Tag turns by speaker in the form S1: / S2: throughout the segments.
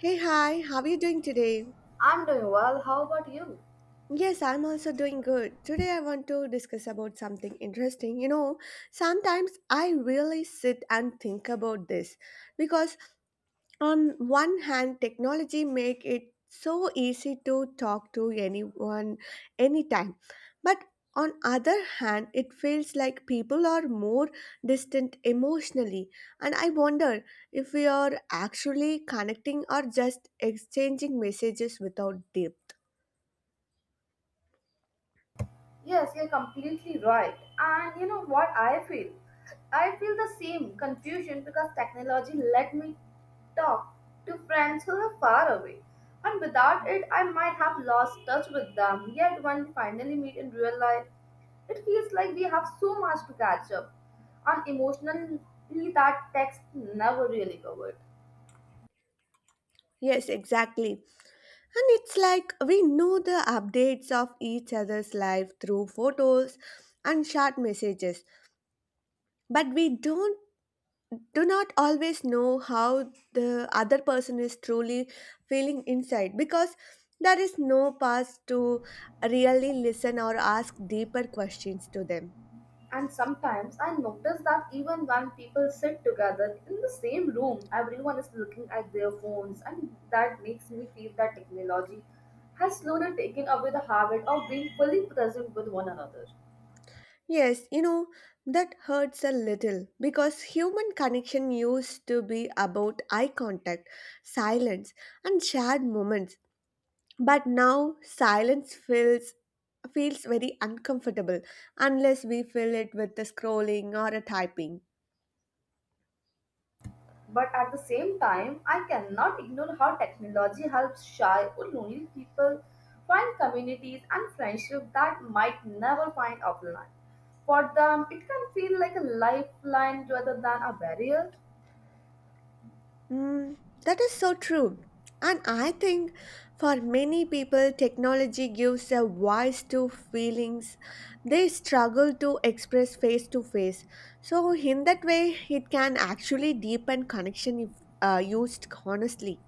S1: Hey, hi, how are you doing today?
S2: I'm doing well. How about you?
S1: Yes, I'm also doing good. Today I want to discuss about something interesting. You know, sometimes I really sit and think about this because on one hand, technology make it so easy to talk to anyone anytime. But on other hand, it feels like people are more distant emotionally and I wonder if we are actually connecting or just exchanging messages without depth.
S2: Yes, you're completely right. And you know what I feel? I feel the same confusion because technology let me talk to friends who are far away. And without it, I might have lost touch with them. Yet, when we finally meet in real life, it feels like we have so much to catch up on emotionally that text never really covered.
S1: Yes, exactly. And it's like we know the updates of each other's life through photos and short messages, but we don't do not always know how the other person is truly feeling inside because there is no path to really listen or ask deeper questions to them.
S2: And sometimes I notice that even when people sit together in the same room, everyone is looking at their phones, and that makes me feel that technology has slowly taken away the habit of being fully present with one another.
S1: Yes, you know, that hurts a little because human connection used to be about eye contact, silence, and shared moments. But now silence feels very uncomfortable unless we fill it with the scrolling or a typing.
S2: But at the same time, I cannot ignore how technology helps shy or lonely people find communities and friendship that might never find offline. For them, it can feel like a lifeline rather than a barrier.
S1: Mm, that is so true. And I think for many people, technology gives a voice to feelings they struggle to express face to face. So, in that way, it can actually deepen connection if used honestly.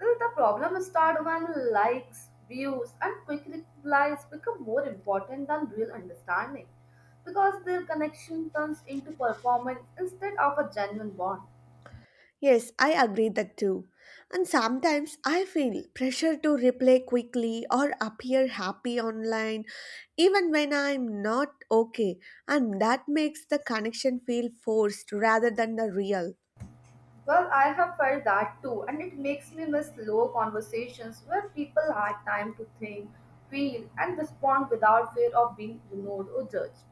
S2: Well, the problem starts when likes, views, and quick replies become more important than real understanding because their connection turns into performance instead of a genuine bond.
S1: Yes, I agree that too. And sometimes I feel pressure to reply quickly or appear happy online even when I'm not okay, and that makes the connection feel forced rather than the real.
S2: Well, I have felt that too, and it makes me miss slow conversations where people had time to think, feel, and respond without fear of being ignored or judged.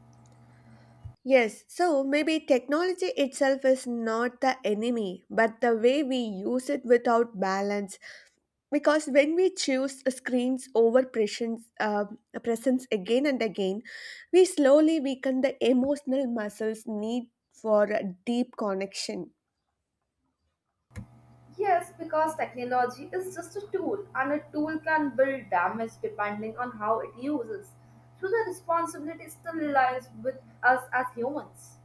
S1: Yes, so maybe technology itself is not the enemy, but the way we use it without balance because when we choose screens over presence, presence again and again we slowly weaken the emotional muscles need for a deep connection.
S2: Yes, because technology is just a tool, and a tool can build damage depending on how it uses. So the responsibility still lies with us as humans,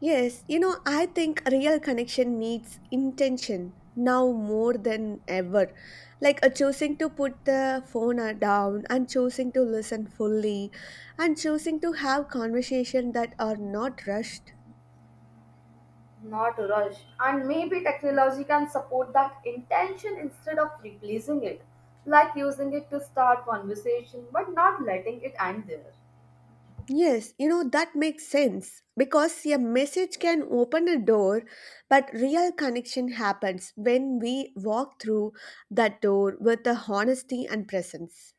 S1: Yes, you know, I think real connection needs intention now more than ever, like choosing to put the phone down and choosing to listen fully and choosing to have conversation that are not rushed.
S2: not rushed. And maybe technology can support that intention instead of replacing it, like using it to start conversation but not letting it end there.
S1: Yes, you know, that makes sense because a message can open a door, but real connection happens when we walk through that door with the honesty and presence.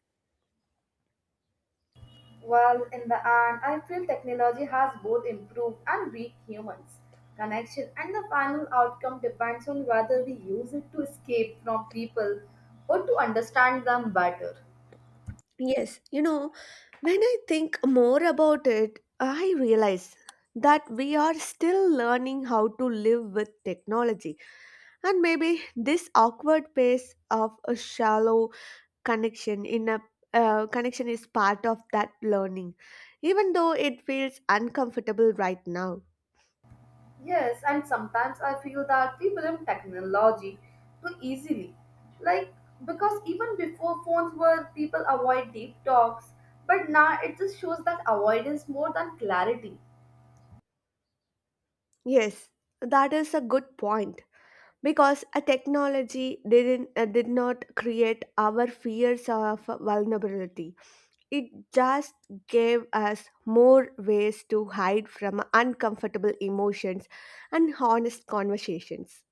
S2: Well, in the end, I feel technology has both improved and weak humans' connection, and the final outcome depends on whether we use it to escape from people or to understand them better.
S1: Yes, you know, when I think more about it, I realize that we are still learning how to live with technology, and maybe this awkward pace of a shallow connection in a connection is part of that learning even though it feels uncomfortable right now.
S2: Yes, and sometimes I feel that we blame technology too easily. Like, because even before phones were, people avoid deep talks, but now it just shows that avoidance more than clarity.
S1: Yes, that is a good point because a technology did not create our fears of vulnerability. It just gave us more ways to hide from uncomfortable emotions and honest conversations.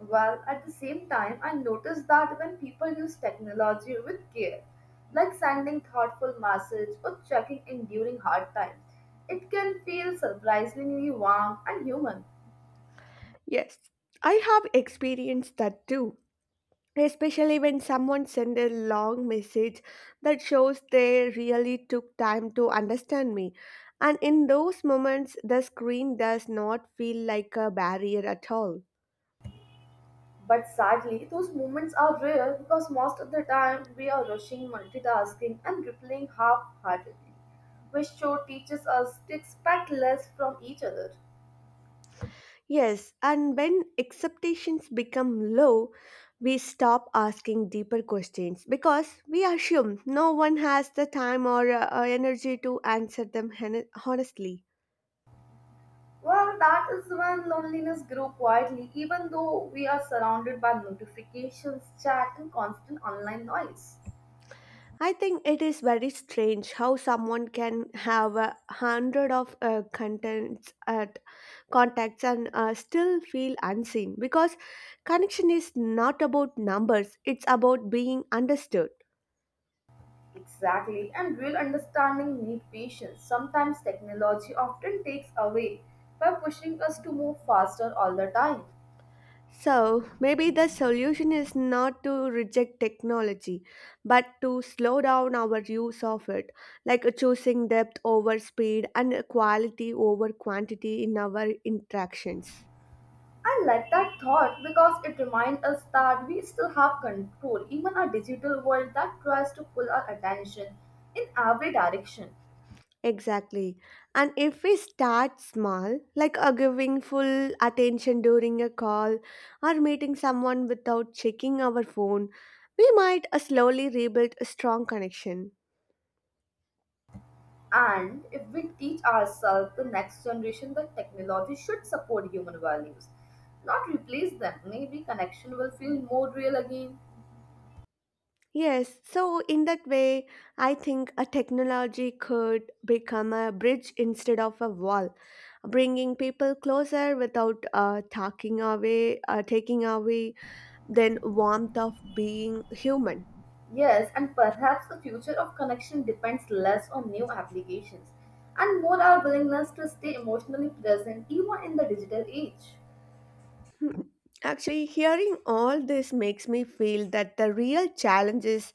S2: Well, at the same time, I noticed that when people use technology with care, like sending thoughtful message or checking in during hard times, it can feel surprisingly warm and human.
S1: Yes, I have experienced that too, especially when someone sent a long message that shows they really took time to understand me, and in those moments the screen does not feel like a barrier at all.
S2: But sadly, those moments are rare because most of the time we are rushing, multitasking, and replying half-heartedly, which show teaches us to expect less from each other.
S1: Yes, and when expectations become low, we stop asking deeper questions because we assume no one has the time or energy to answer them honestly.
S2: Well, that is when loneliness grew quietly, even though we are surrounded by notifications, chat, and constant online noise.
S1: I think it is very strange how someone can have a hundred of contents at contacts and still feel unseen because connection is not about numbers, it's about being understood.
S2: Exactly, and real understanding need patience. Sometimes technology often takes away by pushing us to move faster all the time.
S1: So maybe the solution is not to reject technology but to slow down our use of it, like choosing depth over speed and quality over quantity in our interactions.
S2: I like that thought because it reminds us that we still have control, even a digital world that tries to pull our attention in every direction.
S1: Exactly. And if we start small, like giving full attention during a call or meeting someone without checking our phone, we might slowly rebuild a strong connection.
S2: And if we teach ourselves, the next generation, that technology should support human values, not replace them, maybe connection will feel more real again.
S1: Yes, so in that way, I think a technology could become a bridge instead of a wall, bringing people closer without taking away then warmth of being human.
S2: Yes, and perhaps the future of connection depends less on new applications and more our willingness to stay emotionally present even in the digital age.
S1: Actually, hearing all this makes me feel that the real challenge is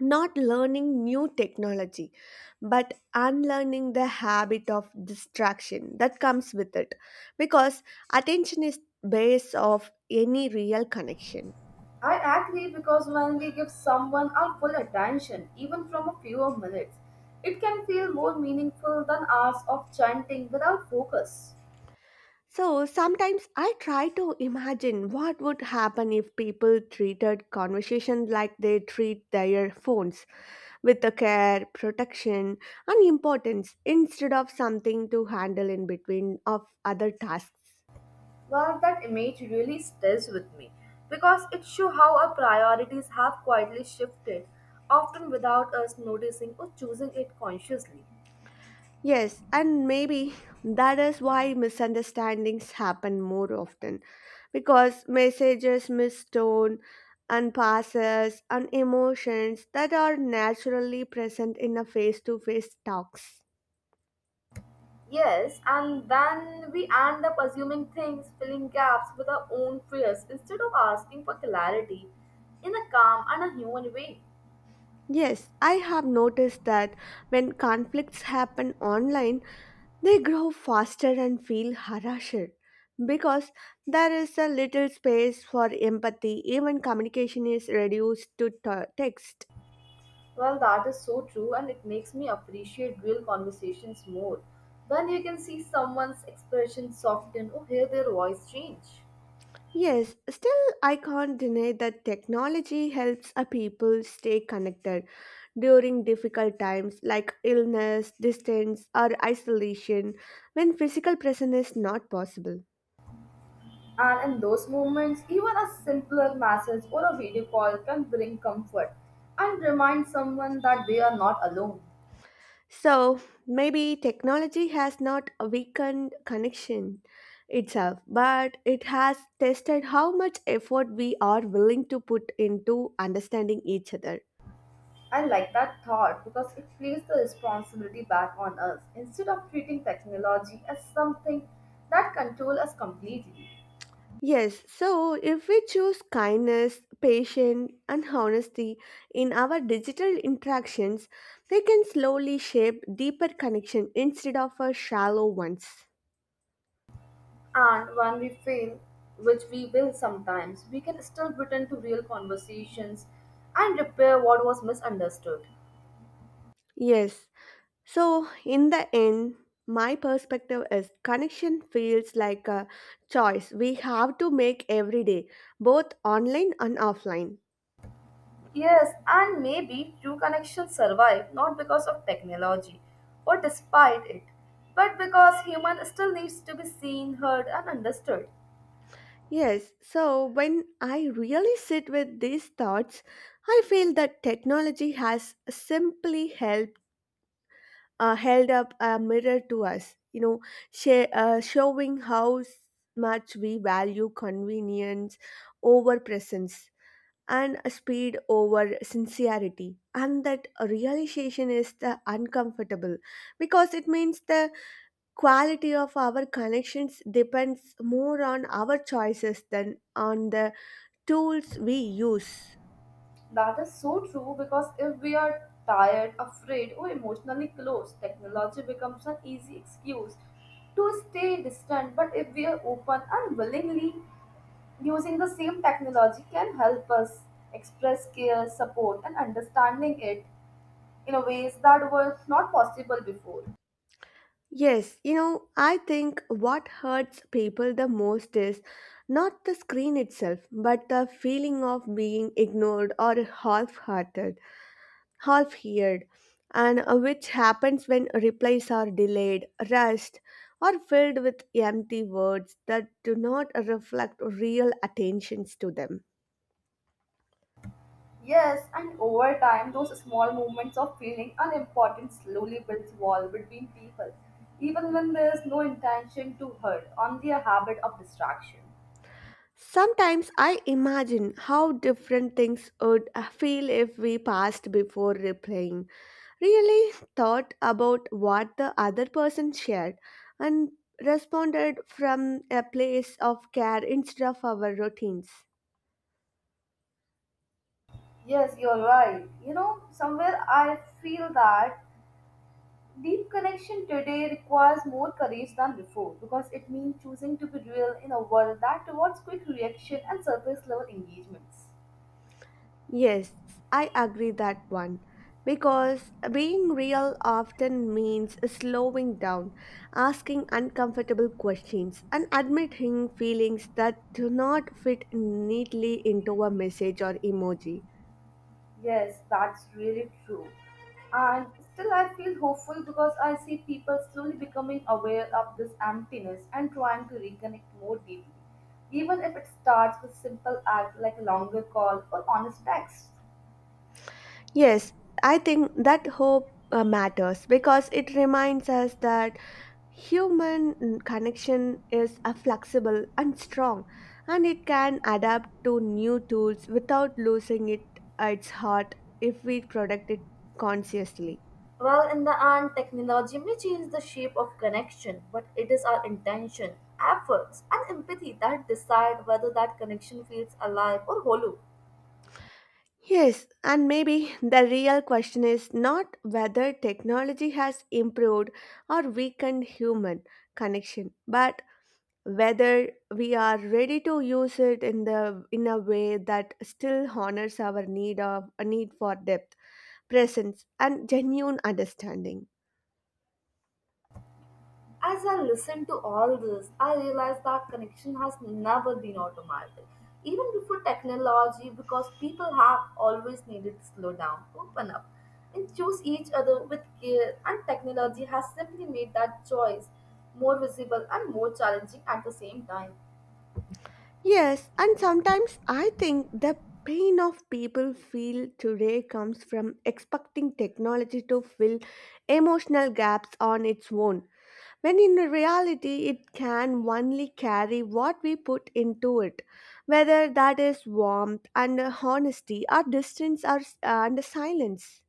S1: not learning new technology, but unlearning the habit of distraction that comes with it. Because attention is base of any real connection.
S2: I agree because when we give someone our full attention, even from a few minutes, it can feel more meaningful than hours of chanting without focus.
S1: So sometimes I try to imagine what would happen if people treated conversation like they treat their phones with the care, protection, and importance instead of something to handle in between of other tasks.
S2: Well, that image really stays with me because it shows how our priorities have quietly shifted, often without us noticing or choosing it consciously.
S1: Yes, and maybe that is why misunderstandings happen more often because messages miss tone and passes and emotions that are naturally present in a face to face talks.
S2: Yes, and then we end up assuming things, filling gaps with our own fears instead of asking for clarity in a calm and a human way.
S1: Yes, I have noticed that when conflicts happen online, they grow faster and feel harsher because there is a little space for empathy, even communication is reduced to text.
S2: Well, that is so true, and it makes me appreciate real conversations more when you can see someone's expression soften or hear their voice change.
S1: Yes, still, I can't deny that technology helps a people stay connected during difficult times like illness, distance, or isolation when physical presence is not possible.
S2: And in those moments, even a simpler message or a video call can bring comfort and remind someone that they are not alone.
S1: So, maybe technology has not weakened connection itself, but it has tested how much effort we are willing to put into understanding each other.
S2: I like that thought because it places the responsibility back on us instead of treating technology as something that controls us completely.
S1: Yes, so if we choose kindness, patience, and honesty in our digital interactions, they can slowly shape deeper connection instead of a shallow ones.
S2: And when we fail, which we will sometimes, we can still return to real conversations and repair what was misunderstood.
S1: Yes, so in the end, my perspective is connection feels like a choice we have to make every day, both online and offline.
S2: Yes, and maybe true connections survive not because of technology or despite it, but because human still needs to be seen, heard, and understood.
S1: Yes, so when I really sit with these thoughts, I feel that technology has simply helped, held up a mirror to us, you know, showing how much we value convenience over presence and speed over sincerity. And that realization is the uncomfortable because it means the quality of our connections depends more on our choices than on the tools we use.
S2: That is so true because if we are tired, afraid, or emotionally closed, technology becomes an easy excuse to stay distant. But if we are open and willingly using the same technology can help us express care, support, and understanding it in a ways that were not possible before.
S1: Yes, you know, I think what hurts people the most is not the screen itself, but the feeling of being ignored or half heard, and which happens when replies are delayed, rushed, or filled with empty words that do not reflect real attentions to them.
S2: Yes, and over time, those small moments of feeling unimportant slowly builds wall between people, even when there is no intention to hurt, only a habit of distraction.
S1: Sometimes I imagine how different things would feel if we passed before replying. Really thought about what the other person shared and responded from a place of care instead of our routines.
S2: Yes, you're right. You know, somewhere I feel that deep connection today requires more courage than before because it means choosing to be real in a world that rewards quick reaction and surface level engagements.
S1: Yes, I agree that one. Because being real often means slowing down, asking uncomfortable questions, and admitting feelings that do not fit neatly into a message or emoji.
S2: Yes, that's really true. And still, I feel hopeful because I see people slowly becoming aware of this emptiness and trying to reconnect more deeply, even if it starts with simple act like a longer call or honest text.
S1: Yes, I think that hope matters because it reminds us that human connection is a flexible and strong and it can adapt to new tools without losing it its heart if we protect it consciously.
S2: Well, in the end, technology may change the shape of connection, but it is our intention, efforts, and empathy that decide whether that connection feels alive or hollow.
S1: Yes, and maybe the real question is not whether technology has improved or weakened human connection, but whether we are ready to use it in the in a way that still honors our need of a need for depth, presence and genuine understanding.
S2: As I listen to all this, I realize that connection has never been automatic. Even before technology, because people have always needed to slow down, open up, and choose each other with care, and technology has simply made that choice more visible and more challenging at the same time.
S1: Yes, and sometimes I think the pain of people feel today comes from expecting technology to fill emotional gaps on its own when in reality it can only carry what we put into it, whether that is warmth and honesty or distance and silence.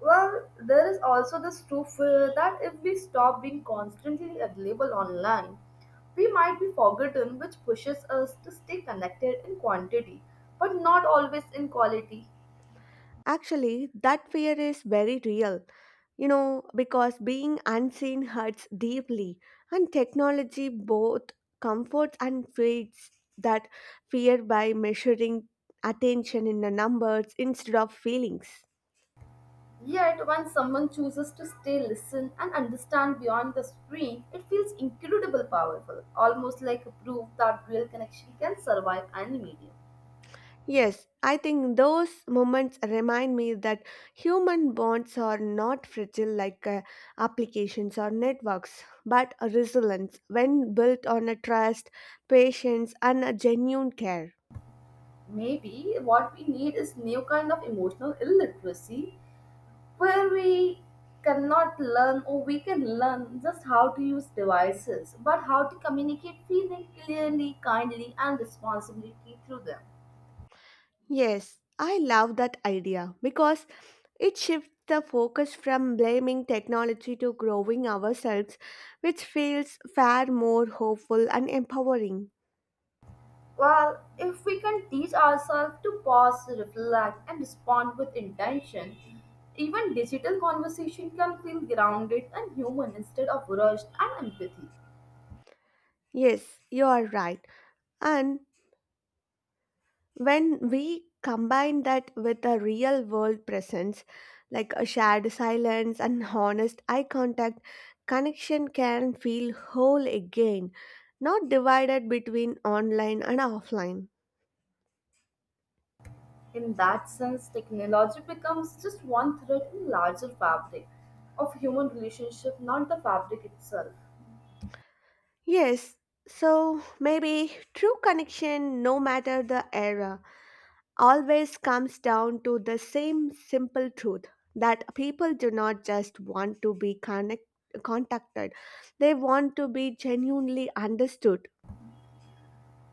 S2: Well, there is also this truth that if we stop being constantly available online, we might be forgotten, which pushes us to stay connected in quantity, but not always in quality.
S1: Actually, that fear is very real, you know, because being unseen hurts deeply, and technology both comforts and feeds that fear by measuring attention in the numbers instead of feelings.
S2: Yet, when someone chooses to stay, listen, and understand beyond the screen, it feels incredibly powerful, almost like a proof that real connection can survive any medium.
S1: Yes, I think those moments remind me that human bonds are not fragile like applications or networks, but a resilience when built on a trust, patience, and a genuine care.
S2: Maybe what we need is new kind of emotional illiteracy where we cannot learn or we can learn just how to use devices but how to communicate feeling clearly kindly and responsibility through them.
S1: Yes, I love that idea because it shifts the focus from blaming technology to growing ourselves, which feels far more hopeful and empowering.
S2: Well, if we can teach ourselves to pause reflect and respond with intention, even digital conversation can feel grounded and human instead of rushed and empathy.
S1: Yes, you are right. And when we combine that with a real world presence, like a shared silence and honest eye contact, connection can feel whole again, not divided between online and offline.
S2: In that sense, technology becomes just one thread in larger fabric of human relationship, not the fabric itself.
S1: Yes, so maybe true connection, no matter the era, always comes down to the same simple truth, that people do not just want to be contacted, they want to be genuinely understood.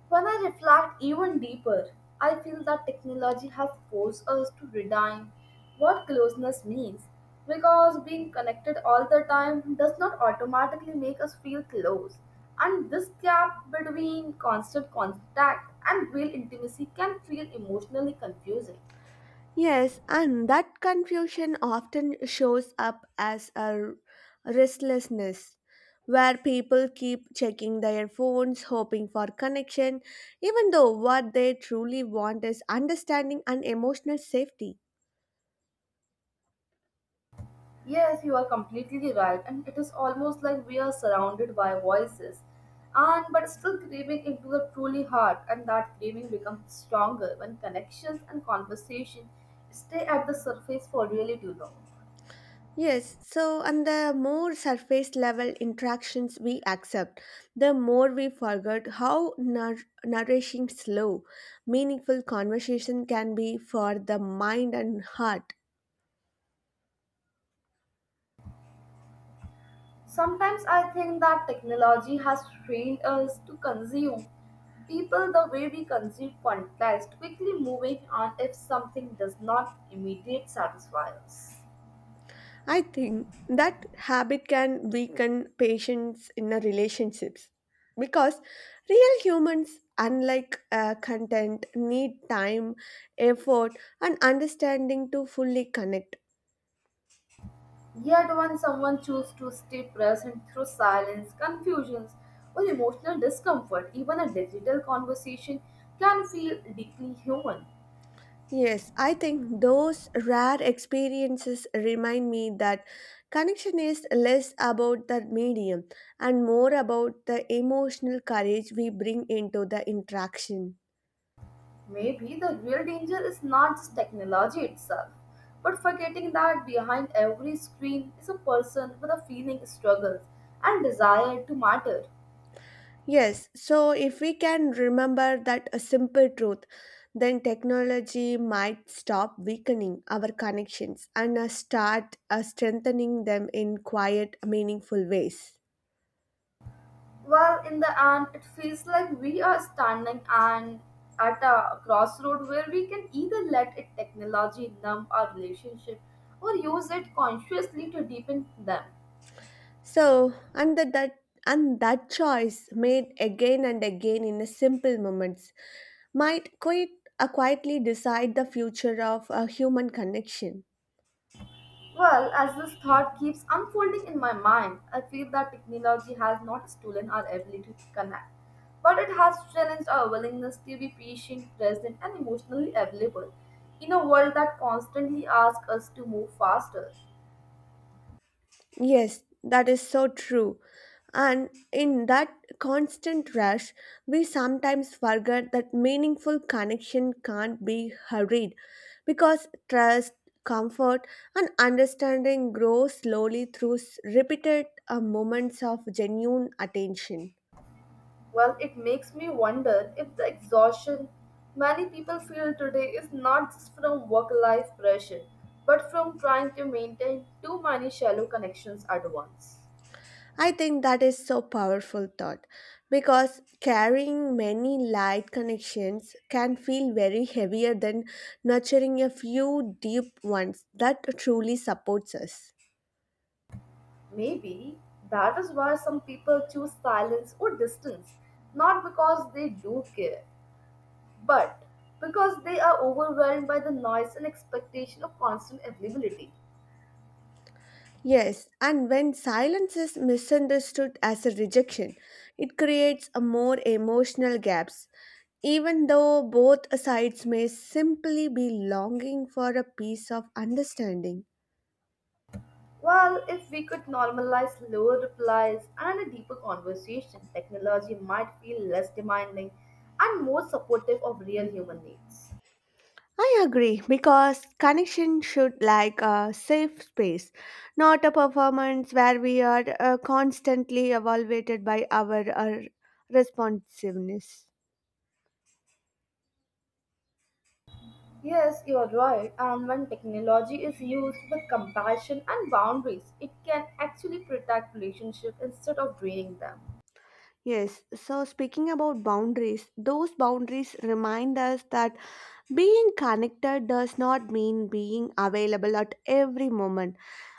S2: When I reflect even deeper, I feel that technology has forced us to redefine what closeness means because being connected all the time does not automatically make us feel close. And this gap between constant contact and real intimacy can feel emotionally confusing.
S1: Yes, and that confusion often shows up as a restlessness, where people keep checking their phones, hoping for connection, even though what they truly want is understanding and emotional safety.
S2: Yes, you are completely right, and it is almost like we are surrounded by voices, and but still craving into the truly heart, and that craving becomes stronger when connections and conversation stay at the surface for really too long.
S1: Yes, so and the more surface level interactions we accept, the more we forget how nourishing, slow, meaningful conversation can be for the mind and heart.
S2: Sometimes I think that technology has trained us to consume people the way we consume context, quickly moving on if something does not immediately satisfy us.
S1: I think that habit can weaken patience in a relationships because real humans, unlike content, need time, effort, and understanding to fully connect.
S2: Yet, when someone chooses to stay present through silence, confusions, or emotional discomfort, even a digital conversation can feel deeply human.
S1: Yes, I think those rare experiences remind me that connection is less about the medium and more about the emotional courage we bring into the interaction.
S2: Maybe the real danger is not just technology itself, but forgetting that behind every screen is a person with a feeling, struggles, and desire to matter.
S1: Yes, so if we can remember that a simple truth, then technology might stop weakening our connections and start strengthening them in quiet, meaningful ways.
S2: Well, in the end, it feels like we are standing and at a crossroad where we can either let it technology numb our relationship or use it consciously to deepen them.
S1: So, and that choice made again and again in a simple moments might quite quietly decide the future of a human connection.
S2: Well, as this thought keeps unfolding in my mind, I feel that technology has not stolen our ability to connect, but it has challenged our willingness to be patient, present, and emotionally available in a world that constantly asks us to move faster.
S1: Yes, that is so true. And in that constant rush, we sometimes forget that meaningful connection can't be hurried because trust, comfort, and understanding grow slowly through repeated moments of genuine attention.
S2: Well, it makes me wonder if the exhaustion many people feel today is not just from work life pressure, but from trying to maintain too many shallow connections at once.
S1: I think that is so powerful thought because carrying many light connections can feel very heavier than nurturing a few deep ones that truly supports us.
S2: Maybe that is why some people choose silence or distance, not because they do care, but because they are overwhelmed by the noise and expectation of constant availability.
S1: Yes, and when silence is misunderstood as a rejection, it creates a more emotional gaps even though both sides may simply be longing for a piece of understanding.
S2: Well, if we could normalize slower replies and a deeper conversation, technology might feel less demanding and more supportive of real human needs.
S1: I agree because connection should like a safe space, not a performance where we are constantly evaluated by our responsiveness.
S2: Yes, you're right. And when technology is used with compassion and boundaries, it can actually protect relationships instead of draining them.
S1: Yes, so speaking about boundaries, those boundaries remind us that being connected does not mean being available at every moment,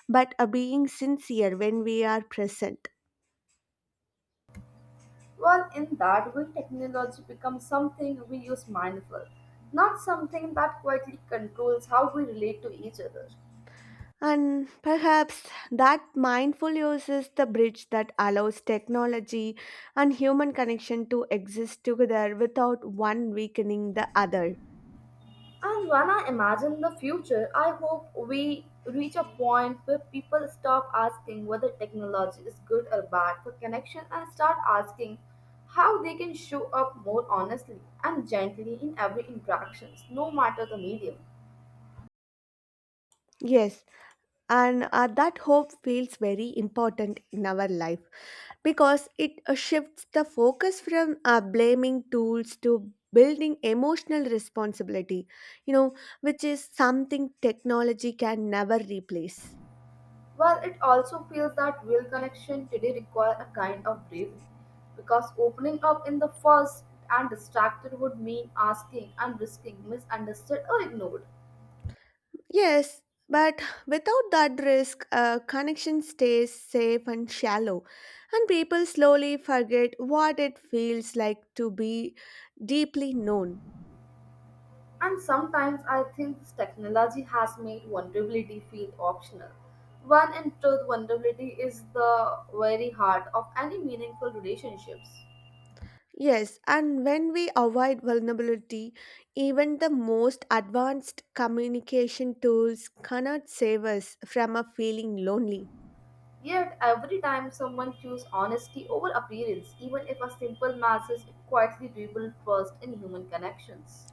S1: but being sincere when we are present.
S2: Well, in that way, technology becomes something we use mindful, not something that quietly controls how we relate to each other.
S1: And perhaps that mindful use is the bridge that allows technology and human connection to exist together without one weakening the other.
S2: And when I imagine the future, I hope we reach a point where people stop asking whether technology is good or bad for connection and start asking how they can show up more honestly and gently in every interactions, no matter the medium.
S1: Yes, and that hope feels very important in our life because it shifts the focus from blaming tools to building emotional responsibility, you know, which is something technology can never replace.
S2: Well, it also feels that real connection today requires a kind of bravery because opening up in the first and distracted would mean asking and risking misunderstood or ignored.
S1: Yes, but without that risk, a connection stays safe and shallow, and people slowly forget what it feels like to be deeply known.
S2: And sometimes I think this technology has made vulnerability feel optional, when in truth, vulnerability is the very heart of any meaningful relationships.
S1: Yes, and when we avoid vulnerability, even the most advanced communication tools cannot save us from a feeling lonely.
S2: Yet, every time someone chooses honesty over appearance, even if a simple message, it quietly rebuilds trust in human connections.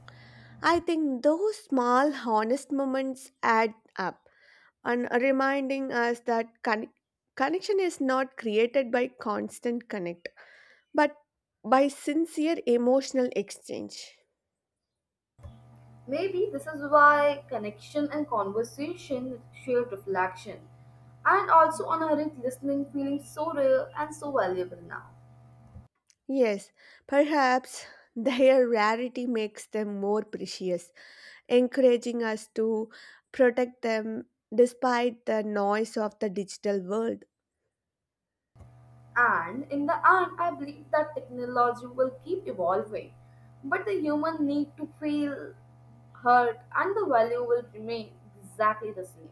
S1: I think those small, honest moments add up. And reminding us that connection is not created by constant connect, but by sincere emotional exchange.
S2: Maybe this is why connection and conversation share reflection, and also on a listening feeling so real and so valuable now.
S1: Yes, perhaps their rarity makes them more precious, encouraging us to protect them despite the noise of the digital world.
S2: And in the end, I believe that technology will keep evolving, but the human need to feel hurt and the value will remain exactly the same.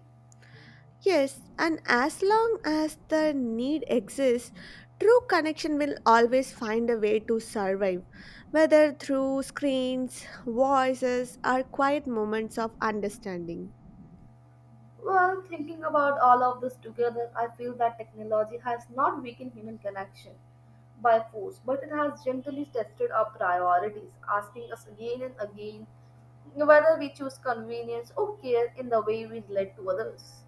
S1: Yes, and as long as the need exists, true connection will always find a way to survive, whether through screens, voices, or quiet moments of understanding.
S2: Well, thinking about all of this together, I feel that technology has not weakened human connection by force, but it has gently tested our priorities, asking us again and again whether we choose convenience or care in the way we relate to others.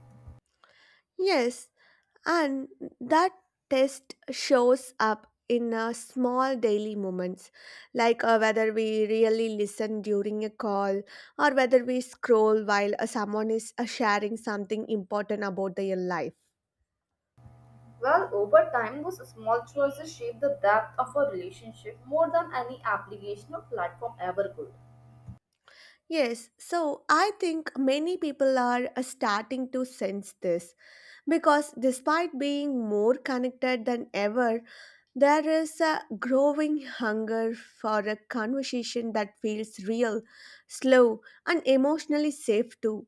S1: Yes, and that test shows up in small daily moments, like whether we really listen during a call or whether we scroll while someone is sharing something important about their life.
S2: Well, over time, those small choices shape the depth of a relationship more than any application or platform ever could.
S1: Yes, so I think many people are starting to sense this because despite being more connected than ever, there is a growing hunger for a conversation that feels real, slow, and emotionally safe too.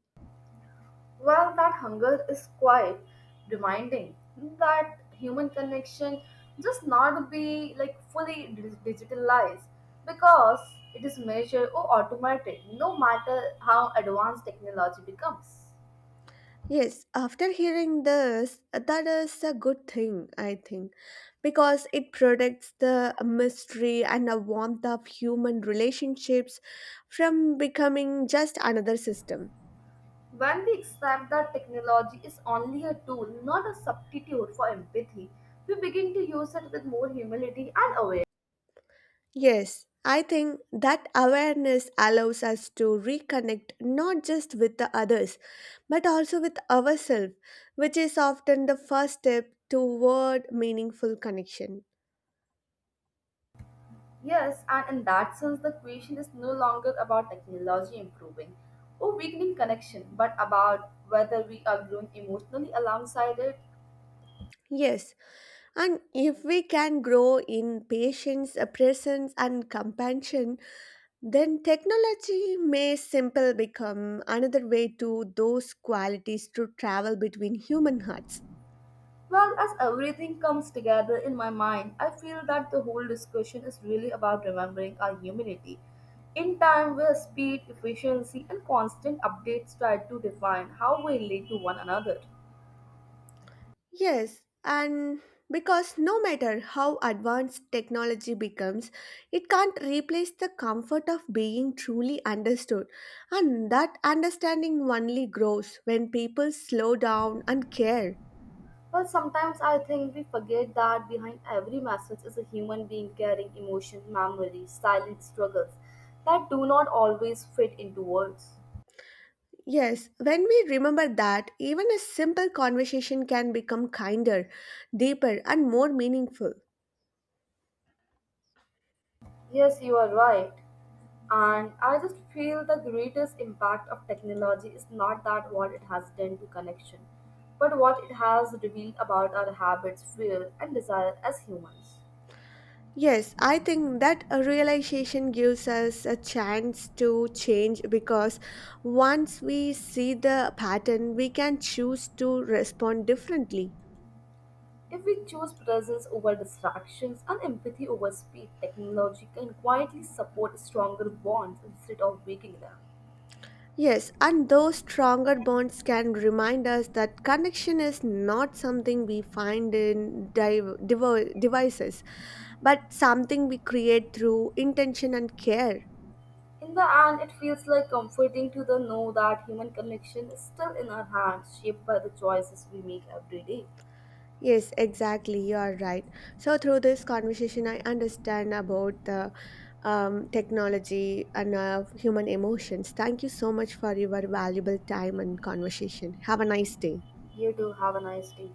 S2: Well, that hunger is quite reminding that human connection just not be like fully digitalized because it is measured or automated no matter how advanced technology becomes.
S1: Yes, after hearing this, that is a good thing, I think, because it protects the mystery and the warmth of human relationships from becoming just another system.
S2: When we accept that technology is only a tool, not a substitute for empathy, we begin to use it with more humility and awareness.
S1: Yes, I think that awareness allows us to reconnect not just with the others, but also with ourselves, which is often the first step toward meaningful connection.
S2: Yes, and in that sense, the question is no longer about technology improving or weakening connection, but about whether we are growing emotionally alongside it.
S1: Yes, and if we can grow in patience, presence, and compassion, then technology may simple become another way to those qualities to travel between human hearts.
S2: Well, as everything comes together in my mind, I feel that the whole discussion is really about remembering our humanity. In time where speed, efficiency, and constant updates try to define how we relate to one another.
S1: Yes, and because no matter how advanced technology becomes, it can't replace the comfort of being truly understood. And that understanding only grows when people slow down and care.
S2: Well, sometimes I think we forget that behind every message is a human being carrying emotion, memories, silent struggles that do not always fit into words.
S1: Yes, when we remember that, even a simple conversation can become kinder, deeper, and more meaningful.
S2: Yes, you are right. And I just feel the greatest impact of technology is not that what it has done to connection, but what it has revealed about our habits, fear, and desire as humans.
S1: Yes, I think that a realization gives us a chance to change because once we see the pattern, we can choose to respond differently.
S2: If we choose presence over distractions and empathy over speed, technology can quietly support stronger bonds instead of breaking them.
S1: Yes, and those stronger bonds can remind us that connection is not something we find in devices, but something we create through intention and care.
S2: In the end, it feels like comforting to the know that human connection is still in our hands, shaped by the choices we make every day.
S1: Yes, exactly. You are right. So, through this conversation, I understand about the technology and human emotions. Thank you so much for your valuable time and conversation. Have a nice day.
S2: You too, have a nice day.